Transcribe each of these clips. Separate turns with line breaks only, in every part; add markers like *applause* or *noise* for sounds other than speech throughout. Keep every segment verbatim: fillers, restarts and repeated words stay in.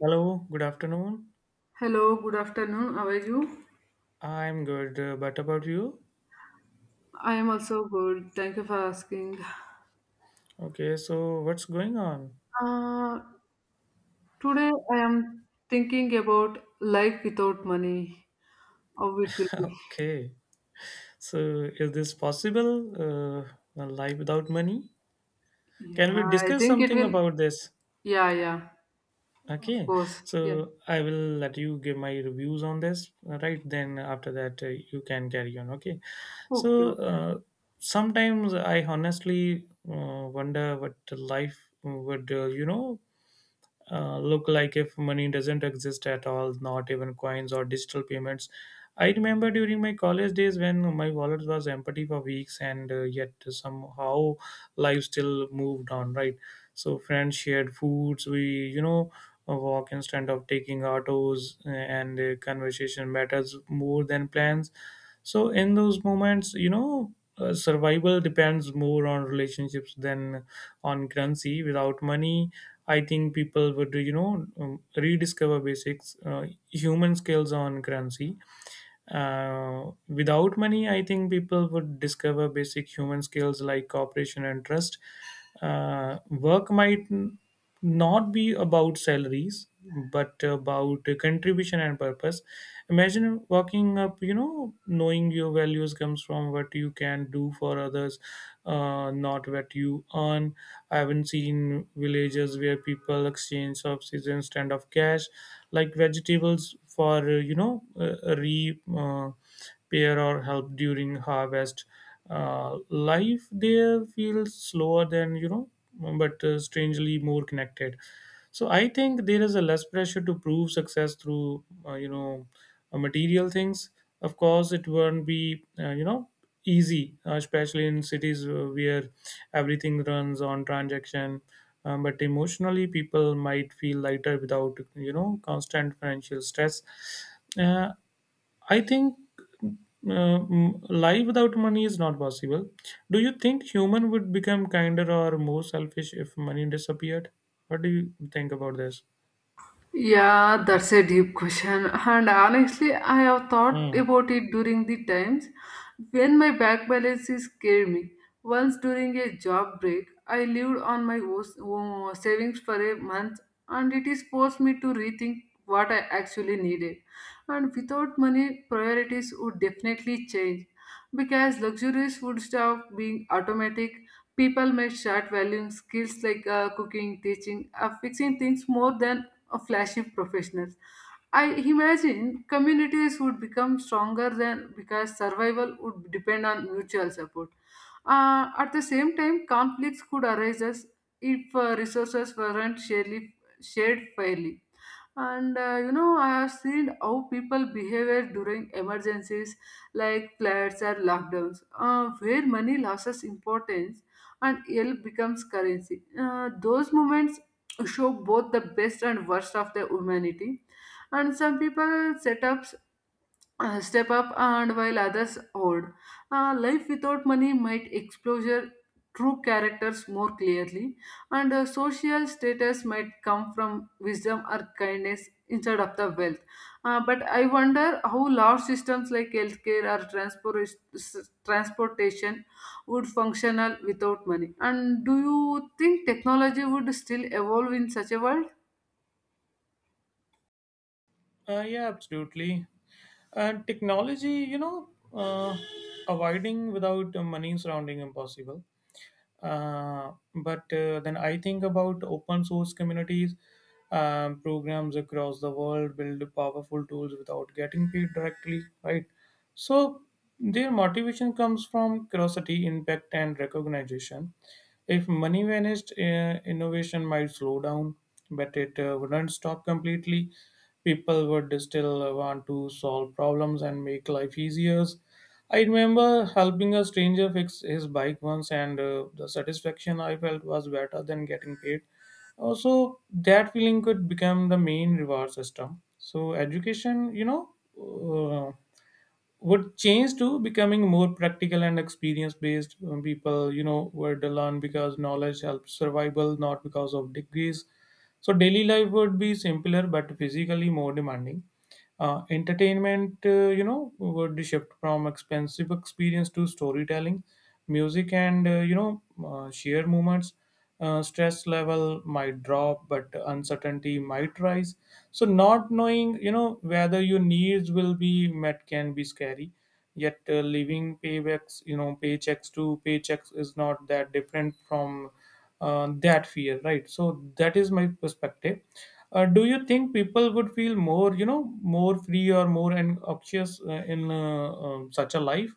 Hello, good afternoon.
Hello, good afternoon. How are you?
I'm good, uh, but about you?
I am also good. Thank you for asking.
Okay, so what's going on?
Uh, Today I am thinking about life without money. How it will be?
*laughs* Okay, so is this possible? Uh, a life without money?
Yeah,
Can we
I
discuss
think it
something
will.
about this?
Yeah, yeah, of
Okay,
course. Yeah.
so I will let you give my reviews on this, uh, right? Then after that, uh, you can carry on. Okay,
Okay.
so
Okay.
uh, sometimes I honestly uh, wonder what life would, uh, you know, uh, look like if money doesn't exist at all, not even coins or digital payments. I remember during my college days when my wallet was empty for weeks and uh, yet somehow life still moved on, right? So friends shared foods, we, you know, walk instead of taking autos uh, and uh, conversation matters more than plans. So in those moments, you know, uh, survival depends more on relationships than on currency. Without money, I think people would, you know, um, rediscover basics, uh, human skills on currency, uh, without money, I think people would discover basic human skills like cooperation and trust. Uh, work might n- not be about salaries, but about contribution and purpose. Imagine working up, you know, knowing your values comes from what you can do for others, uh, not what you earn. I haven't seen villages where people exchange subsistence instead of cash like vegetables for uh, you know uh, re uh, or help during harvest uh, life there feels slower than you know but uh, strangely more connected. So I think there is a less pressure to prove success through uh, you know uh, material things. Of course it won't be uh, you know easy uh, especially in cities uh, where everything runs on transaction. um, but emotionally, people might feel lighter without you know constant financial stress. Uh, I think uh, m- life without money is not possible. Do you think human would become kinder or more selfish if money disappeared? What do you think about this?
Yeah, that's a deep question. And honestly, I have thought
Mm.
about it during the times when my back balance is scared me. Once during a job break, I lived on my os- uh, savings for a month, and it is forced me to rethink what I actually needed. And without money, priorities would definitely change, because luxurious would stop being automatic. People may start valuing skills like uh, cooking, teaching, uh, fixing things more than uh, flashy professionals. I imagine communities would become stronger than because survival would depend on mutual support. Uh, at the same time, conflicts could arise as if uh, resources weren't shared, shared fairly. And uh, you know I have seen how people behave during emergencies like floods or lockdowns, uh, where money loses importance and help becomes currency. Uh, those moments show both the best and worst of the humanity, and some people set up uh, step up and while others hoard. Uh, life without money might exposure true characters more clearly, and uh, social status might come from wisdom or kindness instead of the wealth. Uh, but I wonder how large systems like healthcare or transport transportation would functional without money. And do you think technology would still evolve in such a world?
Uh, yeah, absolutely. And technology, you know, uh, avoiding without uh, money is surrounding impossible. Uh, but uh, then I think about open source communities. Um, programs across the world build powerful tools without getting paid directly, right? So their motivation comes from curiosity, impact and recognition. If money vanished, uh, innovation might slow down, but it uh, wouldn't stop completely. People would still want to solve problems and make life easier. I remember helping a stranger fix his bike once, and uh, the satisfaction I felt was better than getting paid. Also, that feeling could become the main reward system. So, education, you know, uh, would change to becoming more practical and experience based. People, you know, were to learn because knowledge helps survival, not because of degrees. So, daily life would be simpler but physically more demanding. Uh, entertainment, uh, you know, would shift from expensive experience to storytelling, music, and uh, you know, uh, sheer moments. Uh, stress level might drop, but uncertainty might rise. So, not knowing, you know, whether your needs will be met can be scary. Yet, uh, living paybacks, you know, paychecks to paychecks is not that different from uh, that fear, right? So, that is my perspective. Uh, do you think people would feel more, you know, more free or more anxious uh, in uh, um, such a life?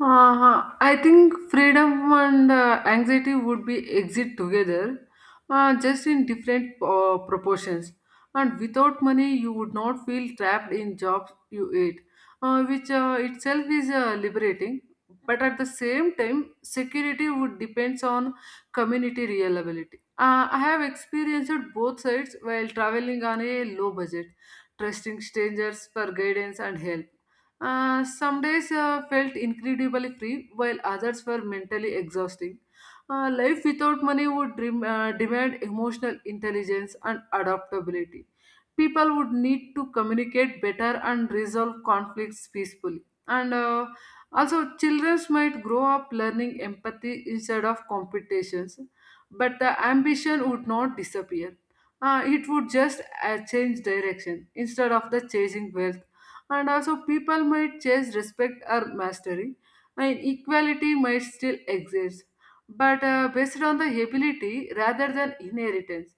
Uh, I think freedom and uh, anxiety would be exist together, uh, just in different uh, proportions. And without money, you would not feel trapped in jobs you hate, uh, which uh, itself is uh, liberating. But at the same time, security would depends on community reliability. Uh, I have experienced both sides while traveling on a low budget, trusting strangers for guidance and help. Uh, some days uh, felt incredibly free, while others were mentally exhausting. Uh, life without money would dream, uh, demand emotional intelligence and adaptability. People would need to communicate better and resolve conflicts peacefully. And uh, also, children might grow up learning empathy instead of competitions, but the ambition would not disappear. Uh, it would just uh, change direction instead of the chasing wealth. And also people might chase respect or mastery, and equality might still exist, but uh, based on the ability rather than inheritance.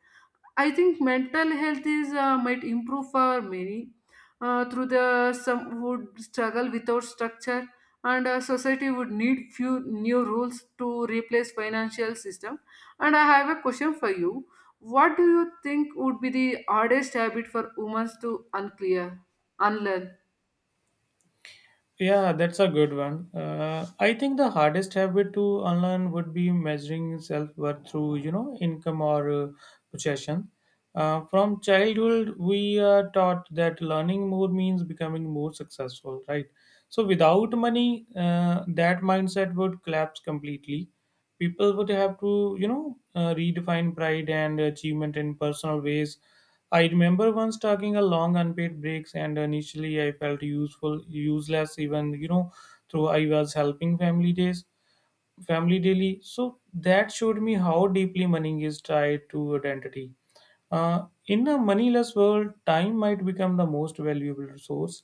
I think mental health is uh, might improve for many, uh, through the some would struggle without structure. And uh, society would need few new rules to replace financial system. And I have a question for you: what do you think would be the hardest habit for humans to unclear unlearn?
Yeah, that's a good one. Uh, I think the hardest habit to unlearn would be measuring self-worth through, you know, income or uh, possession. Uh, from childhood, we are taught that learning more means becoming more successful, right? So without money, uh, that mindset would collapse completely. People would have to, you know, uh, redefine pride and achievement in personal ways. I remember once taking a long unpaid breaks and initially I felt useful useless even you know through I was helping family days family daily. So that showed me how deeply money is tied to identity. Uh, in a moneyless world, time might become the most valuable resource.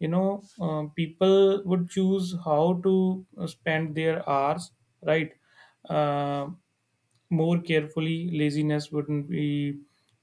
You know, uh, people would choose how to uh, spend their hours, right? Uh, more carefully, laziness wouldn't be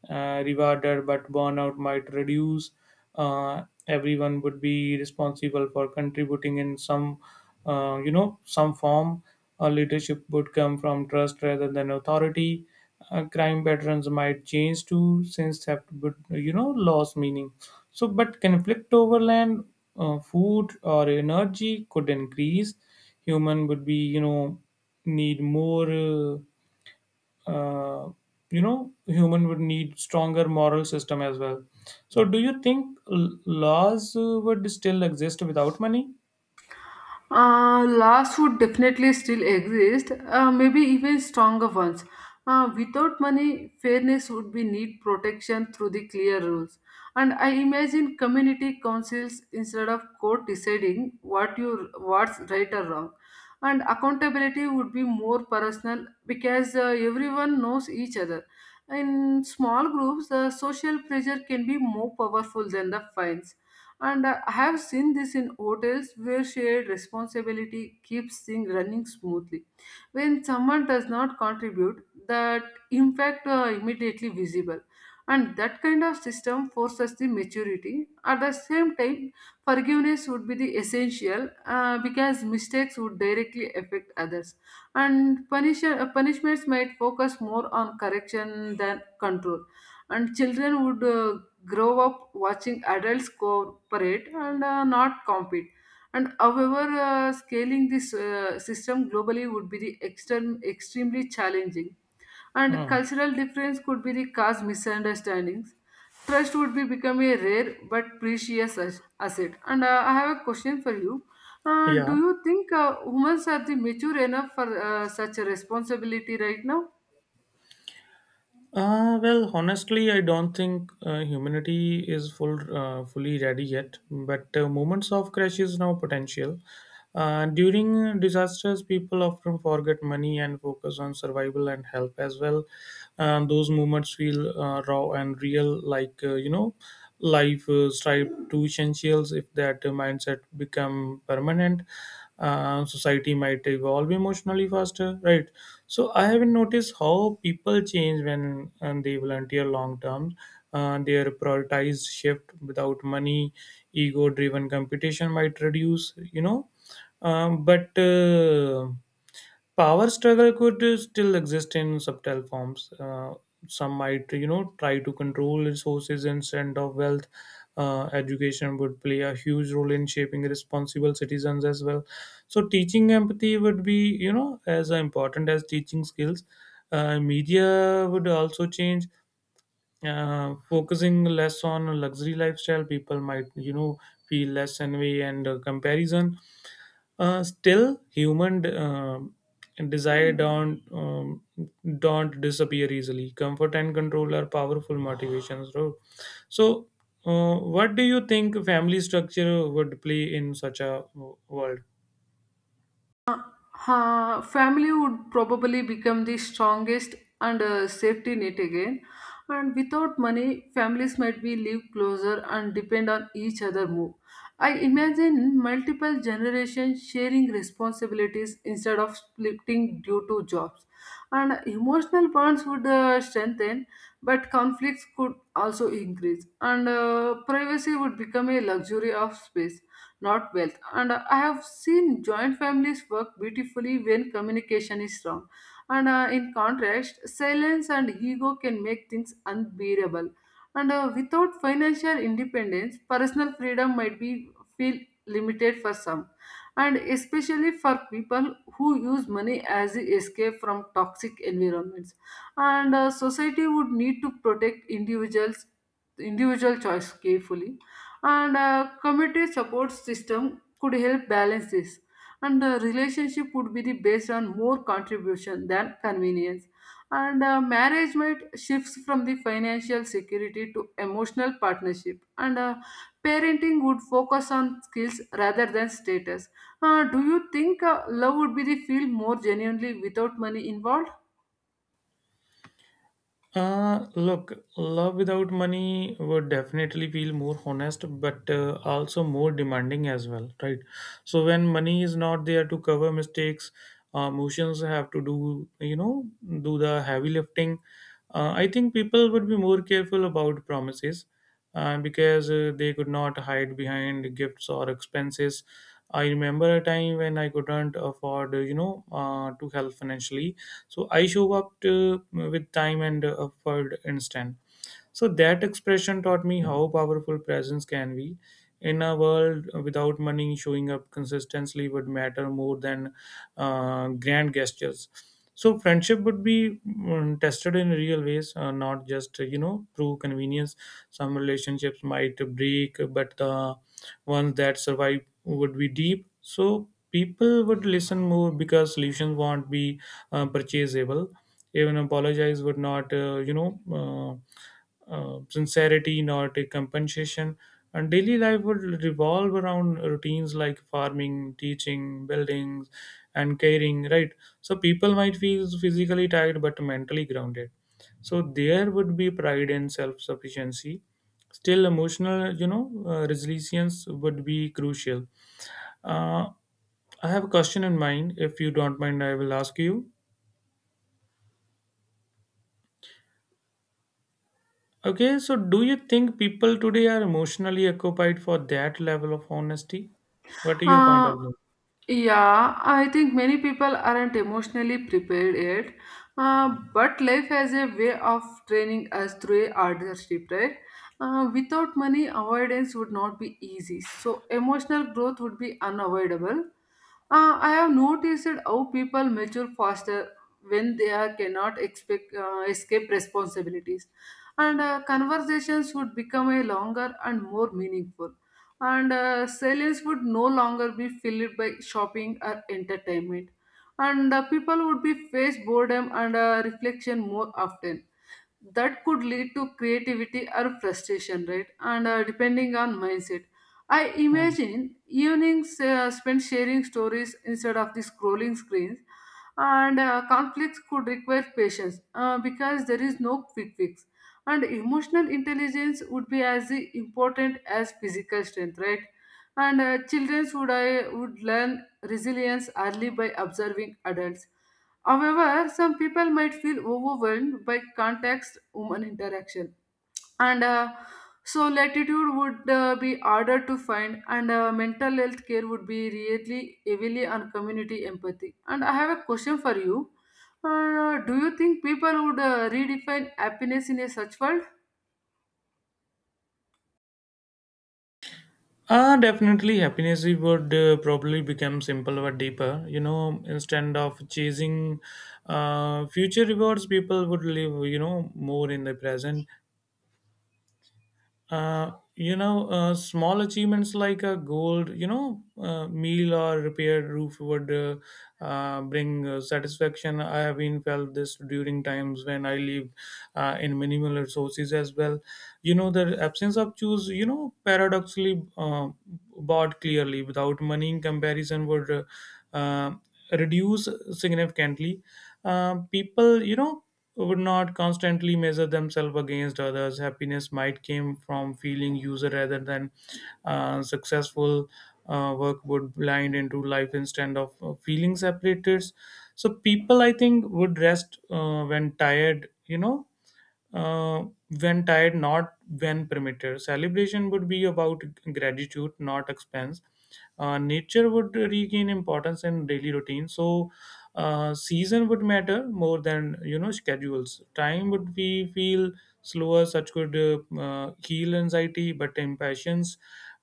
uh, rewarded, but burnout might reduce. uh, Everyone would be responsible for contributing in some uh, you know some form. Uh, leadership would come from trust rather than authority. Uh, crime patterns might change too, since theft would you know lose meaning. So but conflict over land, uh, food or energy could increase. Human would be you know need more uh, uh, you know human would need stronger moral system as well. So do you think l- laws uh, would still exist without money?
Uh, laws would definitely still exist, uh, maybe even stronger ones. Uh, without money, fairness would be need protection through the clear rules. And I imagine community councils instead of court deciding what you what's right or wrong. And accountability would be more personal because uh, everyone knows each other. In small groups, the social pressure can be more powerful than the fines. And uh, I have seen this in hotels where shared responsibility keeps things running smoothly. When someone does not contribute, that impact uh, immediately visible, and that kind of system forces the maturity. At the same time, forgiveness would be the essential, uh, because mistakes would directly affect others, and punish- uh, punishments might focus more on correction than control. And children would uh, grow up watching adults cooperate and uh, not compete. And however, uh, scaling this uh, system globally would be the extrem- extremely challenging, and
Hmm.
cultural difference could be the cause misunderstandings. Trust would be become a rare but precious as- asset. And uh, I have a question for you: uh, do
Yeah.
you think uh, humans are the mature enough for uh, such a responsibility right now?
Uh, well, honestly, I don't think uh, humanity is full uh, fully ready yet. But uh, moments of crash now potential. Uh, during disasters, people often forget money and focus on survival and help as well. Um, those moments feel uh, raw and real, like uh, you know, life uh, strive to essentials. If that mindset become permanent, uh, society might evolve emotionally faster, right? So I haven't noticed how people change when um, they volunteer long term. Uh, their prioritized shift without money, ego driven competition might reduce, you know. Um, but uh, Power struggle could uh, still exist in subtle forms. Uh, some might, you know, try to control resources instead of wealth. Uh, education would play a huge role in shaping responsible citizens as well. So, teaching empathy would be, you know, as important as teaching skills. Uh, media would also change, uh, focusing less on luxury lifestyle. People might, you know, feel less envy and uh, comparison. Uh, still, human um desire don't um, don't disappear easily. Comfort and control are powerful motivations. So, so, uh, what do you think family structure would play in such a world?
Uh, family would probably become the strongest and uh, safety net again. And without money, families might be live closer and depend on each other more. I imagine multiple generations sharing responsibilities instead of splitting due to jobs. And emotional bonds would uh, strengthen, but conflicts could also increase. And uh, privacy would become a luxury of space, not wealth. And I have seen joint families work beautifully when communication is strong. And uh, in contrast, silence and ego can make things unbearable. And uh, without financial independence, personal freedom might be feel limited for some, and especially for people who use money as a escape from toxic environments. And uh, society would need to protect individuals individual choice carefully. And a community support system could help balance this, and the relationship would be the based on more contribution than convenience. And uh, marriage shifts from the financial security to emotional partnership, and uh, parenting would focus on skills rather than status. Uh, do you think uh, love would be the field more genuinely without money involved?
Uh, look, love without money would definitely feel more honest, but uh, also more demanding as well, right? So when money is not there to cover mistakes, uh, emotions have to do, you know, do the heavy lifting. Uh, I think people would be more careful about promises uh, because uh, they could not hide behind gifts or expenses. I remember a time when I couldn't afford, uh, you know, uh, to help financially so I show up to, with time and effort instead. So that expression taught me how powerful presence can be. In a world without money, showing up consistently would matter more than uh, grand gestures. So friendship would be mm, tested in real ways, uh, not just uh, you know through convenience. Some relationships might break, but the ones that survive would be deep. So people would listen more because solutions won't be uh, purchasable. Even apologize would not, uh, you know. Uh, uh, sincerity not a compensation. And daily life would revolve around routines like farming, teaching, buildings, and caring, right? So people might feel physically tired but mentally grounded. So there would be pride and self sufficiency. Still, emotional, you know, uh, resilience would be crucial. Uh, I have a question in mind. If you don't mind, I will ask you. Okay, so do you think people today are emotionally occupied for that level of honesty? What are your point of
Uh,
view?
yeah, I think many people aren't emotionally prepared yet. Uh, but life has a way of training us through a hardship, right? Uh, without money, avoidance would not be easy. So, emotional growth would be unavoidable. Uh, I have noticed that how people mature faster when they are cannot expect, uh, escape responsibilities, and uh, conversations would become a longer and more meaningful. And uh, sellers would no longer be filled by shopping or entertainment. And uh, people would be face boredom and uh, reflection more often. That could lead to creativity or frustration, right? And uh, depending on mindset, I
Hmm.
imagine evenings uh, spent sharing stories instead of the scrolling screens. And uh, conflicts could require patience, uh, because there is no quick fix. And emotional intelligence would be as important as physical strength, right? And uh, children would I would learn resilience early by observing adults. However, some people might feel overwhelmed by context human interaction. And uh, so latitude would uh, be harder to find. And uh, mental health care would be really heavily on community empathy. And I have a question for you: uh, do you think people would uh, redefine happiness in a such world?
Ah, definitely happiness would uh, probably become simple but deeper. You know, instead of chasing uh, future rewards, people would live, you know, more in the present. Uh, you know, uh, small achievements like a gold, you know, uh, meal or repaired roof would uh, uh, bring uh, satisfaction. I have been felt this during times when I lived uh, in minimal resources as well. You know, the absence of choose, you know, paradoxically uh, bought clearly without money in comparison would uh, uh, reduce significantly. Uh, people, you know, would not constantly measure themselves against others. Happiness might came from feeling user rather than uh, successful. Uh, work would blind into life instead of uh, feeling separated. So people, I think, would rest uh, when tired. You know, uh, when tired, not when primitive. Celebration would be about gratitude, not expense. Uh, nature would regain importance in daily routine. So, uh, season would matter more than you know schedules. Time would be feel slower. Such could uh, uh, heal anxiety, but impatience,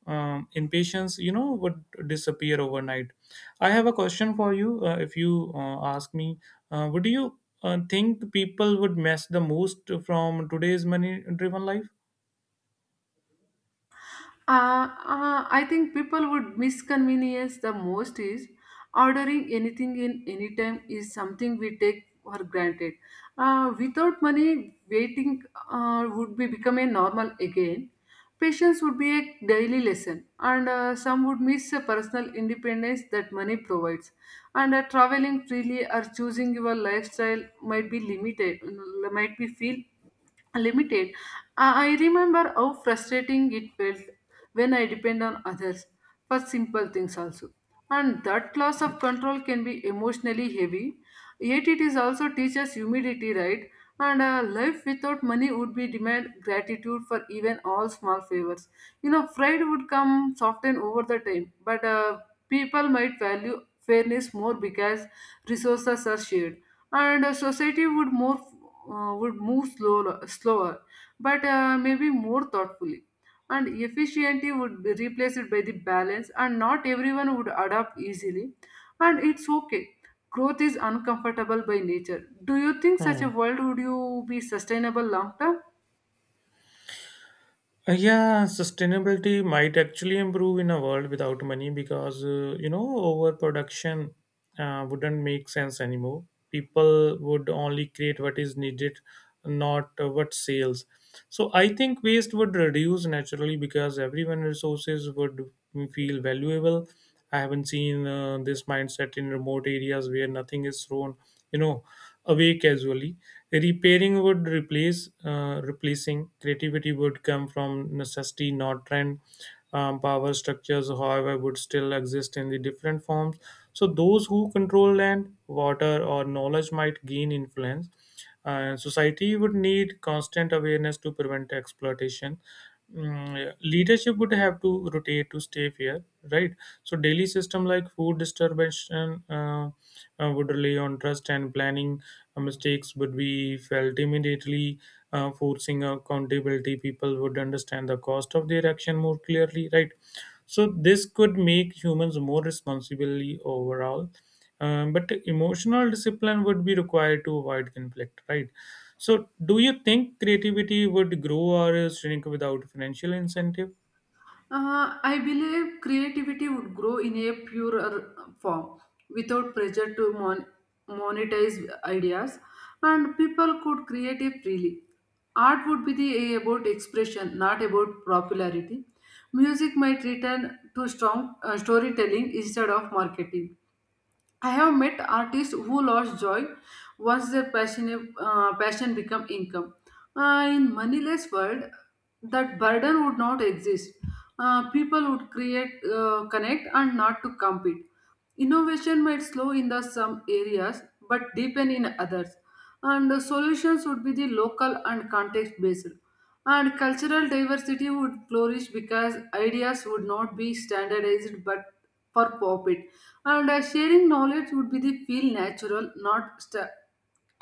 um, impatience, you know, would disappear overnight. I have a question for you. Uh, if you uh, ask me, uh, would you uh, think people would miss the most from today's money-driven life?
Uh, uh, I think people would misconvenience the most is ordering anything in any time is something we take for granted. Uh, without money, waiting uh, would be become a normal again. Patience would be a daily lesson, and uh, some would miss the personal independence that money provides. And uh, traveling freely or choosing your lifestyle might be limited might be feel limited. I I remember how frustrating it felt when I depend on others for simple things also, and that loss of control can be emotionally heavy. Yet it is also teaches humility, right? And uh, life without money would be demand gratitude for even all small favors. You know, pride would come soften over the time, but uh, people might value fairness more because resources are shared. And uh, society would more uh, would move slower, slower, but uh, maybe more thoughtfully. And efficiency would be replaced by the balance, and not everyone would adapt easily, and it's okay. Growth is uncomfortable by nature. Do you think such
Hmm.
a world would you be sustainable long term?
Uh, yeah, sustainability might actually improve in a world without money because, uh, you know, overproduction uh, wouldn't make sense anymore. People would only create what is needed, not uh, what sales. So I think waste would reduce naturally because everyone resources would feel valuable. I haven't seen uh, this mindset in remote areas where nothing is thrown, you know away casually. Repairing would replace uh, replacing. Creativity would come from necessity, not trend. Um, power structures, however, would still exist in the different forms. So those who control land, water, or knowledge might gain influence. Uh, society would need constant awareness to prevent exploitation. Mm, yeah. Leadership would have to rotate to stay fair, right? So daily system like food disturbance uh, uh, would rely on trust and planning. Uh, mistakes would be felt immediately, uh, forcing accountability. People would understand the cost of their action more clearly, right? So this could make humans more responsibly overall. Um, but emotional discipline would be required to avoid conflict, right? So, do you think creativity would grow or shrink without financial incentive?
Uh, I believe creativity would grow in a purer form without pressure to mon- monetize ideas, and people could create it freely. Art would be the, about expression, not about popularity. Music might return to strong uh, storytelling instead of marketing. I have met artists who lost joy once their passion, uh, passion become income. Uh, in moneyless world, that burden would not exist. Uh, people would create, uh, connect, and not to compete. Innovation might slow in the some areas, but deepen in others. And the solutions would be the local and context based. And cultural diversity would flourish because ideas would not be standardized but for profit. And uh, sharing knowledge would be the feel natural, not sta-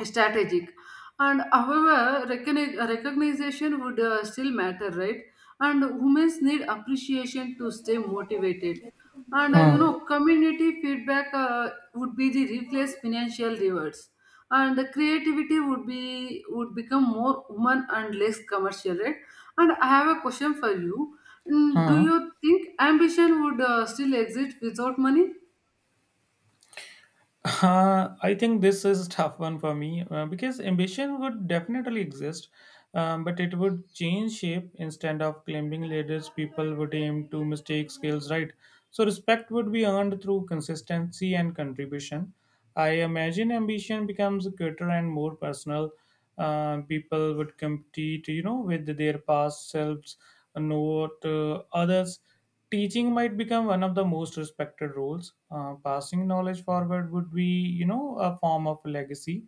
strategic. And however, recogni- recognition would uh, still matter, right? And women need appreciation to stay motivated. And uh, you
Huh.
know community feedback uh, would be the replace financial rewards. And the creativity would be would become more human and less commercial, right? And I have a question for you: mm, do
Huh.
you think ambition would uh, still exist without money?
Uh, I think this is a tough one for me uh, because ambition would definitely exist, um, but it would change shape instead of climbing ladders. People would aim to mistake skills, right. So respect would be earned through consistency and contribution. I imagine ambition becomes greater and more personal. Uh, people would compete, you know, with their past selves, not uh, others. Teaching might become one of the most respected roles. Uh, passing knowledge forward would be, you know, a form of legacy.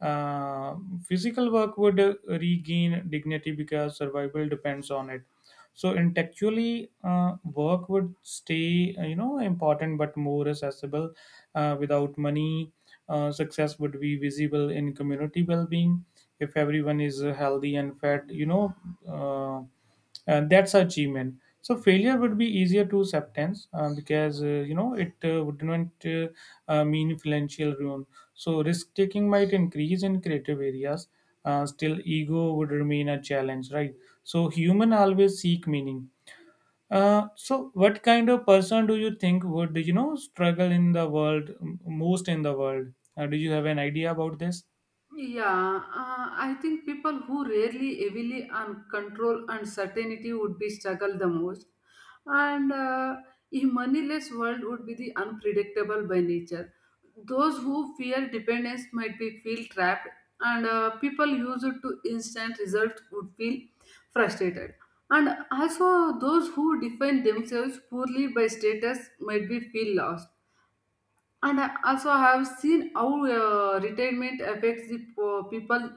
Uh, Physical work would uh, regain dignity because survival depends on it. So intellectually, uh, work would stay, uh, you know, important but more accessible uh, without money. Uh, success would be visible in community well-being if everyone is uh, healthy and fed, you know. uh, and that's achievement. So failure would be easier to acceptance, uh, because, uh, you know, it uh, would not uh, uh, mean financial ruin. So risk taking might increase in creative areas. Uh, still, ego would remain a challenge, right? So human always seek meaning. Uh, so what kind of person do you think would, you know, struggle in the world m- most in the world? Uh, do you have an idea about this?
Yeah, uh, I think people who rarely heavily on control and certainty would be struggle the most, and uh, a moneyless world would be the unpredictable by nature. Those who fear dependence might be feel trapped, and uh, people used to instant results would feel frustrated. And also, those who define themselves poorly by status might be feel lost. And I also have seen how uh, retirement affects the po- people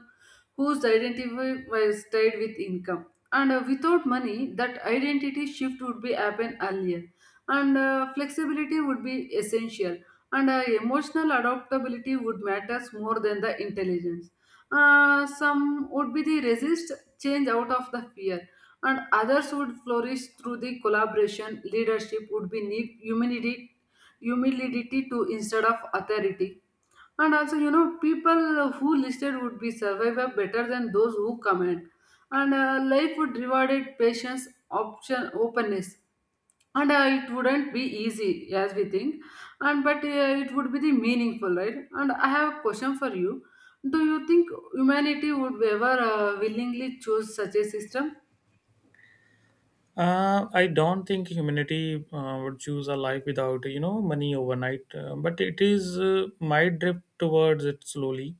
whose identity was tied with income. And uh, without money, that identity shift would be happen earlier. And uh, flexibility would be essential. And uh, emotional adaptability would matters more than the intelligence. Uh, some would be the resist change out of the fear. And others would flourish through the collaboration. Leadership would be need humanity humility to instead of authority. And also, you know, people who listed would be survivor better than those who comment. And uh, life would rewarded patience, option, openness. And uh, it wouldn't be easy as we think, and but uh, it would be the meaningful, right? And I have a question for you: do you think humanity would ever uh, willingly choose such a system?
Uh, I don't think humanity uh, would choose a life without, you know, money overnight, uh, but it is uh, might drift towards it slowly.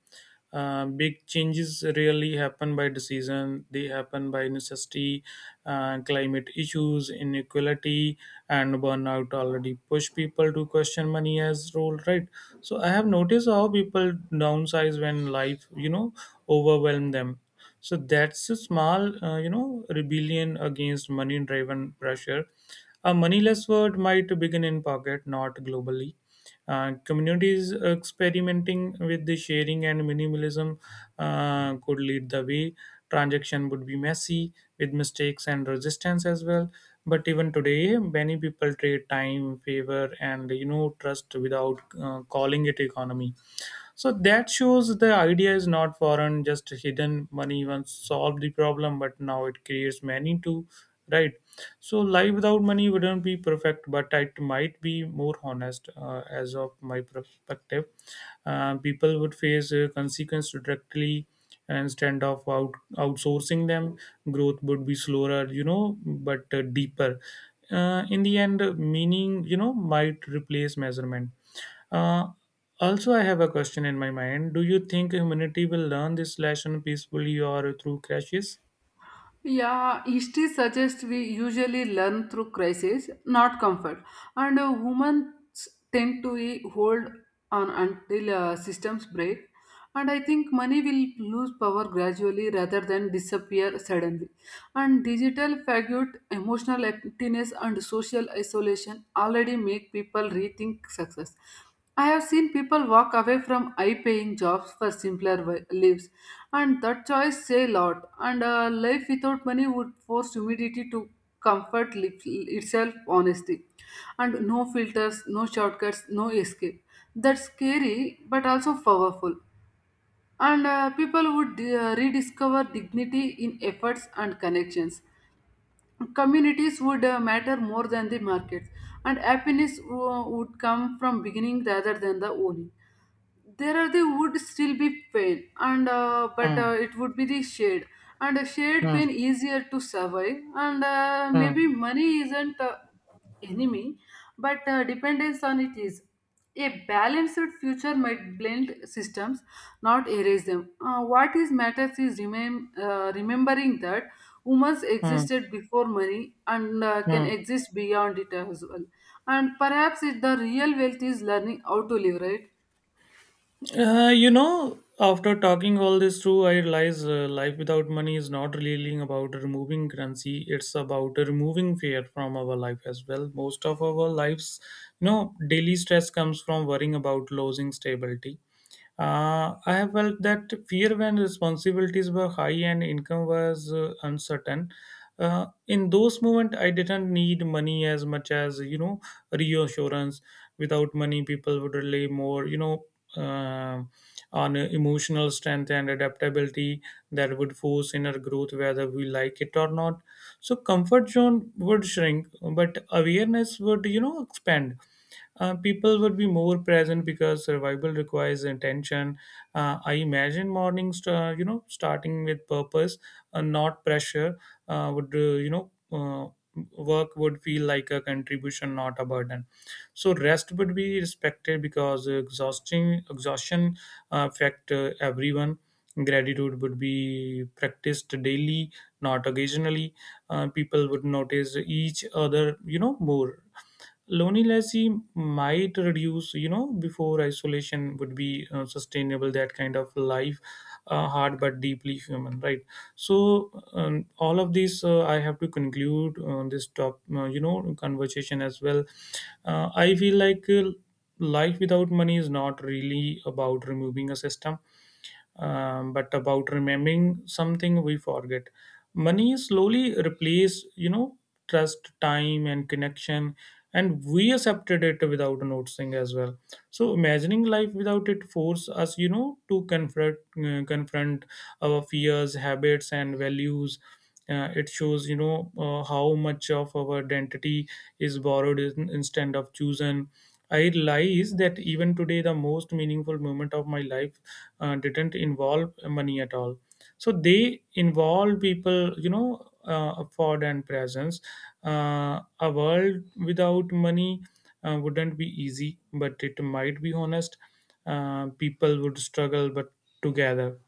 Uh, big changes rarely happen by decision; they happen by necessity. Uh, climate issues, inequality, and burnout already push people to question money as role. Right. So I have noticed how people downsize when life, you know, overwhelm them. So that's a small, uh, you know, rebellion against money driven pressure. A moneyless world might begin in pocket, not globally. Uh, communities experimenting with the sharing and minimalism uh, could lead the way. Transaction would be messy, with mistakes and resistance as well. But even today many people trade time, favor and, you know, trust without uh, calling it economy. So that shows the idea is not foreign, just hidden. Money once solved the problem, but now it creates many too, right? So life without money wouldn't be perfect, but it might be more honest, uh, as of my perspective. Uh, people would face uh, consequence directly instead of out, outsourcing them. Growth would be slower, you know, but uh, deeper. Uh, in the end, uh, meaning, you know, might replace measurement. Uh, Also, I have a question in my mind. Do you think humanity will learn this lesson peacefully or through crashes?
Yeah, history suggests we usually learn through crisis, not comfort. And uh, humans tend to eh, hold on until uh, systems break. And I think money will lose power gradually rather than disappear suddenly. And digital fatigue, emotional emptiness, and social isolation already make people rethink success. I have seen people walk away from high paying jobs for simpler wi- lives, and that choice say a lot. And a life without money would force humidity to comfort li- itself, honesty, and no filters, no shortcuts, no escape. That's scary but also powerful. And uh, people would uh, rediscover dignity in efforts and connections. Communities would uh, matter more than the markets, and happiness uh, would come from beginning rather than the owning. There are the would still be pain, and uh, but uh,
Hmm.
it would be the shade. And a shade pain
Hmm.
easier to survive. And uh,
Hmm.
maybe money isn't uh, enemy, but uh, dependence on it is. A balanced future might blend systems, not erase them. Uh, what is matters is remem- uh, remembering that humans
Hmm.
existed before money and uh, can
Hmm.
exist beyond it as well. And perhaps it, the real wealth is learning how to live, right?
Uh, you know, after talking all this through, I realize uh, life without money is not really about removing currency. It's about removing fear from our life as well. Most of our lives, you know, daily stress comes from worrying about losing stability. Uh, I have felt that fear when responsibilities were high and income was uh, uncertain. Uh, in those moments, I didn't need money as much as, you know, reassurance. Without money, people would rely more, you know, uh, on emotional strength and adaptability. That would force inner growth, whether we like it or not. So comfort zone would shrink, but awareness would, you know, expand. Uh, people would be more present because survival requires attention. Uh, I imagine mornings, uh, you know, starting with purpose, uh, not pressure, uh, would uh, you know. Uh, work would feel like a contribution, not a burden. So rest would be respected because exhausting exhaustion uh, affect uh, everyone. Gratitude would be practiced daily, not occasionally. Uh, people would notice each other, you know, more. Loneliness might reduce, you know, before isolation would be uh, sustainable. That kind of life, uh, hard but deeply human, right? So um, all of this, uh, I have to conclude, uh, this top uh, you know, conversation as well. uh, I feel like uh, life without money is not really about removing a system, um, but about remembering something we forget. Money slowly replaced, you know, trust, time and connection, and we accepted it without noticing as well. So imagining life without it force us, you know, to confront uh, confront our fears, habits and values. Uh, it shows, you know, uh, how much of our identity is borrowed in, instead of chosen. I realize that even today the most meaningful moment of my life uh, didn't involve money at all. So they involve people, you know, uh, afford and presence. Uh, a world without money uh, wouldn't be easy, but it might be honest. Uh, people would struggle but together.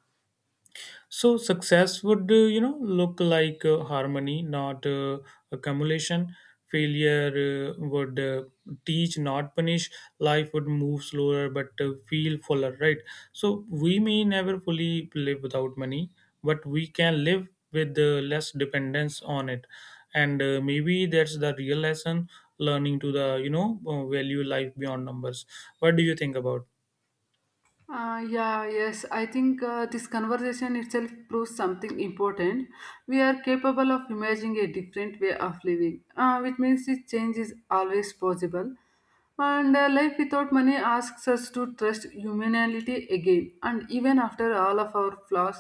So success would, uh, you know, look like uh, harmony, not uh, accumulation. Failure uh, would uh, teach, not punish. Life would move slower, but uh, feel fuller, right? So we may never fully live without money, but we can live with uh, less dependence on it. And uh, maybe that's the real lesson: learning to the, you know, uh, value life beyond numbers. What do you think about?
Uh, yeah, yes. I think uh, this conversation itself proves something important. We are capable of imagining a different way of living, uh, which means this change is always possible. And uh, life without money asks us to trust humanity again. And even after all of our flaws,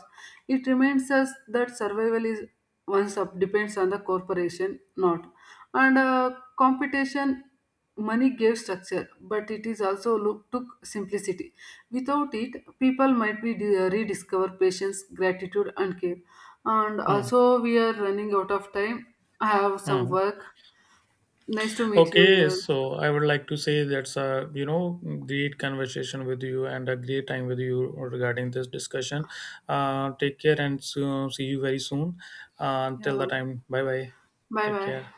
it reminds us that survival is once up depends on the corporation, not. And uh, competition, money gave structure, but it is also look, took simplicity. Without it, people might be de- rediscover patience, gratitude, and care. And
Hmm.
also, we are running out of time. I have some
Hmm.
work. Nice to meet you
Okay,
here.
so I would like to say that's a, you know, great conversation with you and a great time with you regarding this discussion. Uh, take care and so, see you very soon. Uh, until the
Yeah.
time, bye bye.
Bye
Take
bye.
care.